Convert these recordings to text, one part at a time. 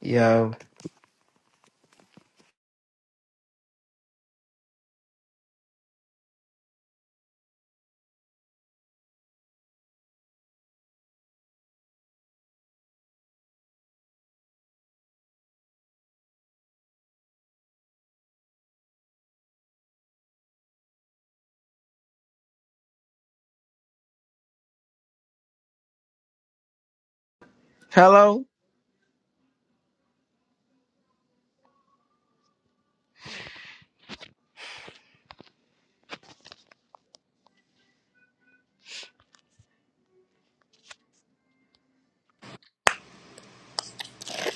Yo. Hello?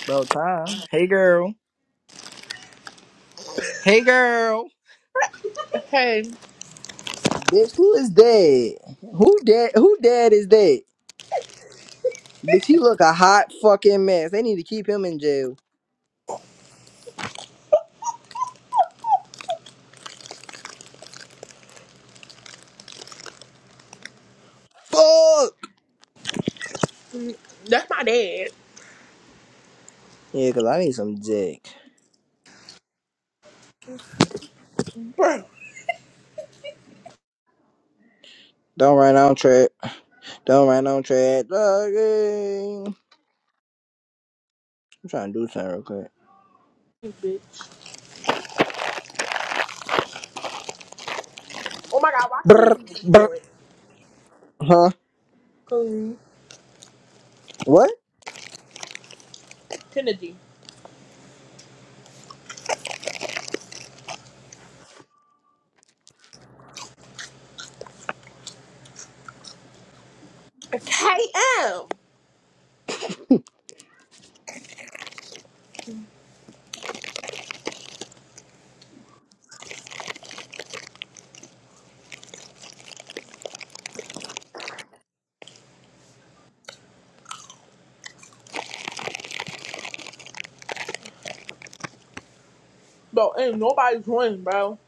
About time. Hey girl. Hey girl. Hey, Bitch, who is dead? Who dead who dead is that? Bitch, he look a hot fucking mess. They need to keep him in jail. Fuck! that's my dad. Yeah, cause I need some dick. Bro. Don't run on track. Don't run on track. Doggy. I'm trying to do something real quick. Bitch. Oh my god, why Brr, Kennedy just brr. joined? Huh? Who? What? Kennedy. KM. Bro, ain't nobody joining, bro.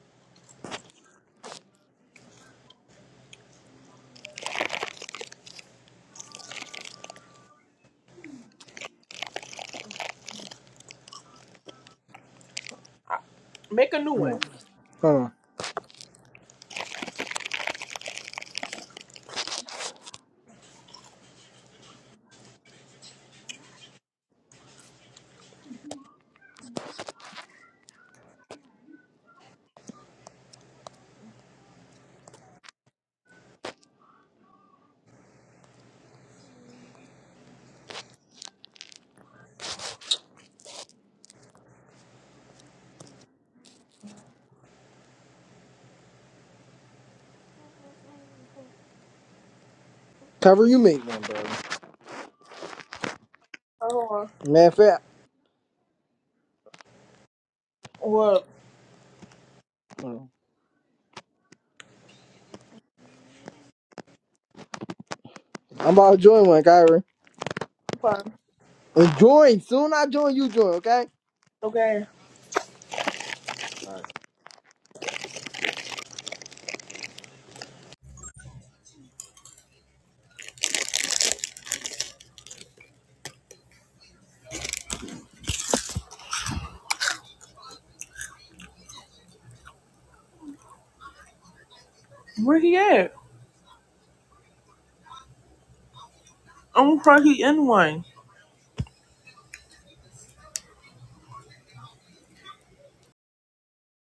Make a new Hold one. on. Hold on. Kyra, you make one, bro. Hold on. Man, fact. What? Hold on. I'm about to join one, Kyra. Okay. And join. Soon I join, you join, okay? Okay. Where he at? I'm afraid he in one.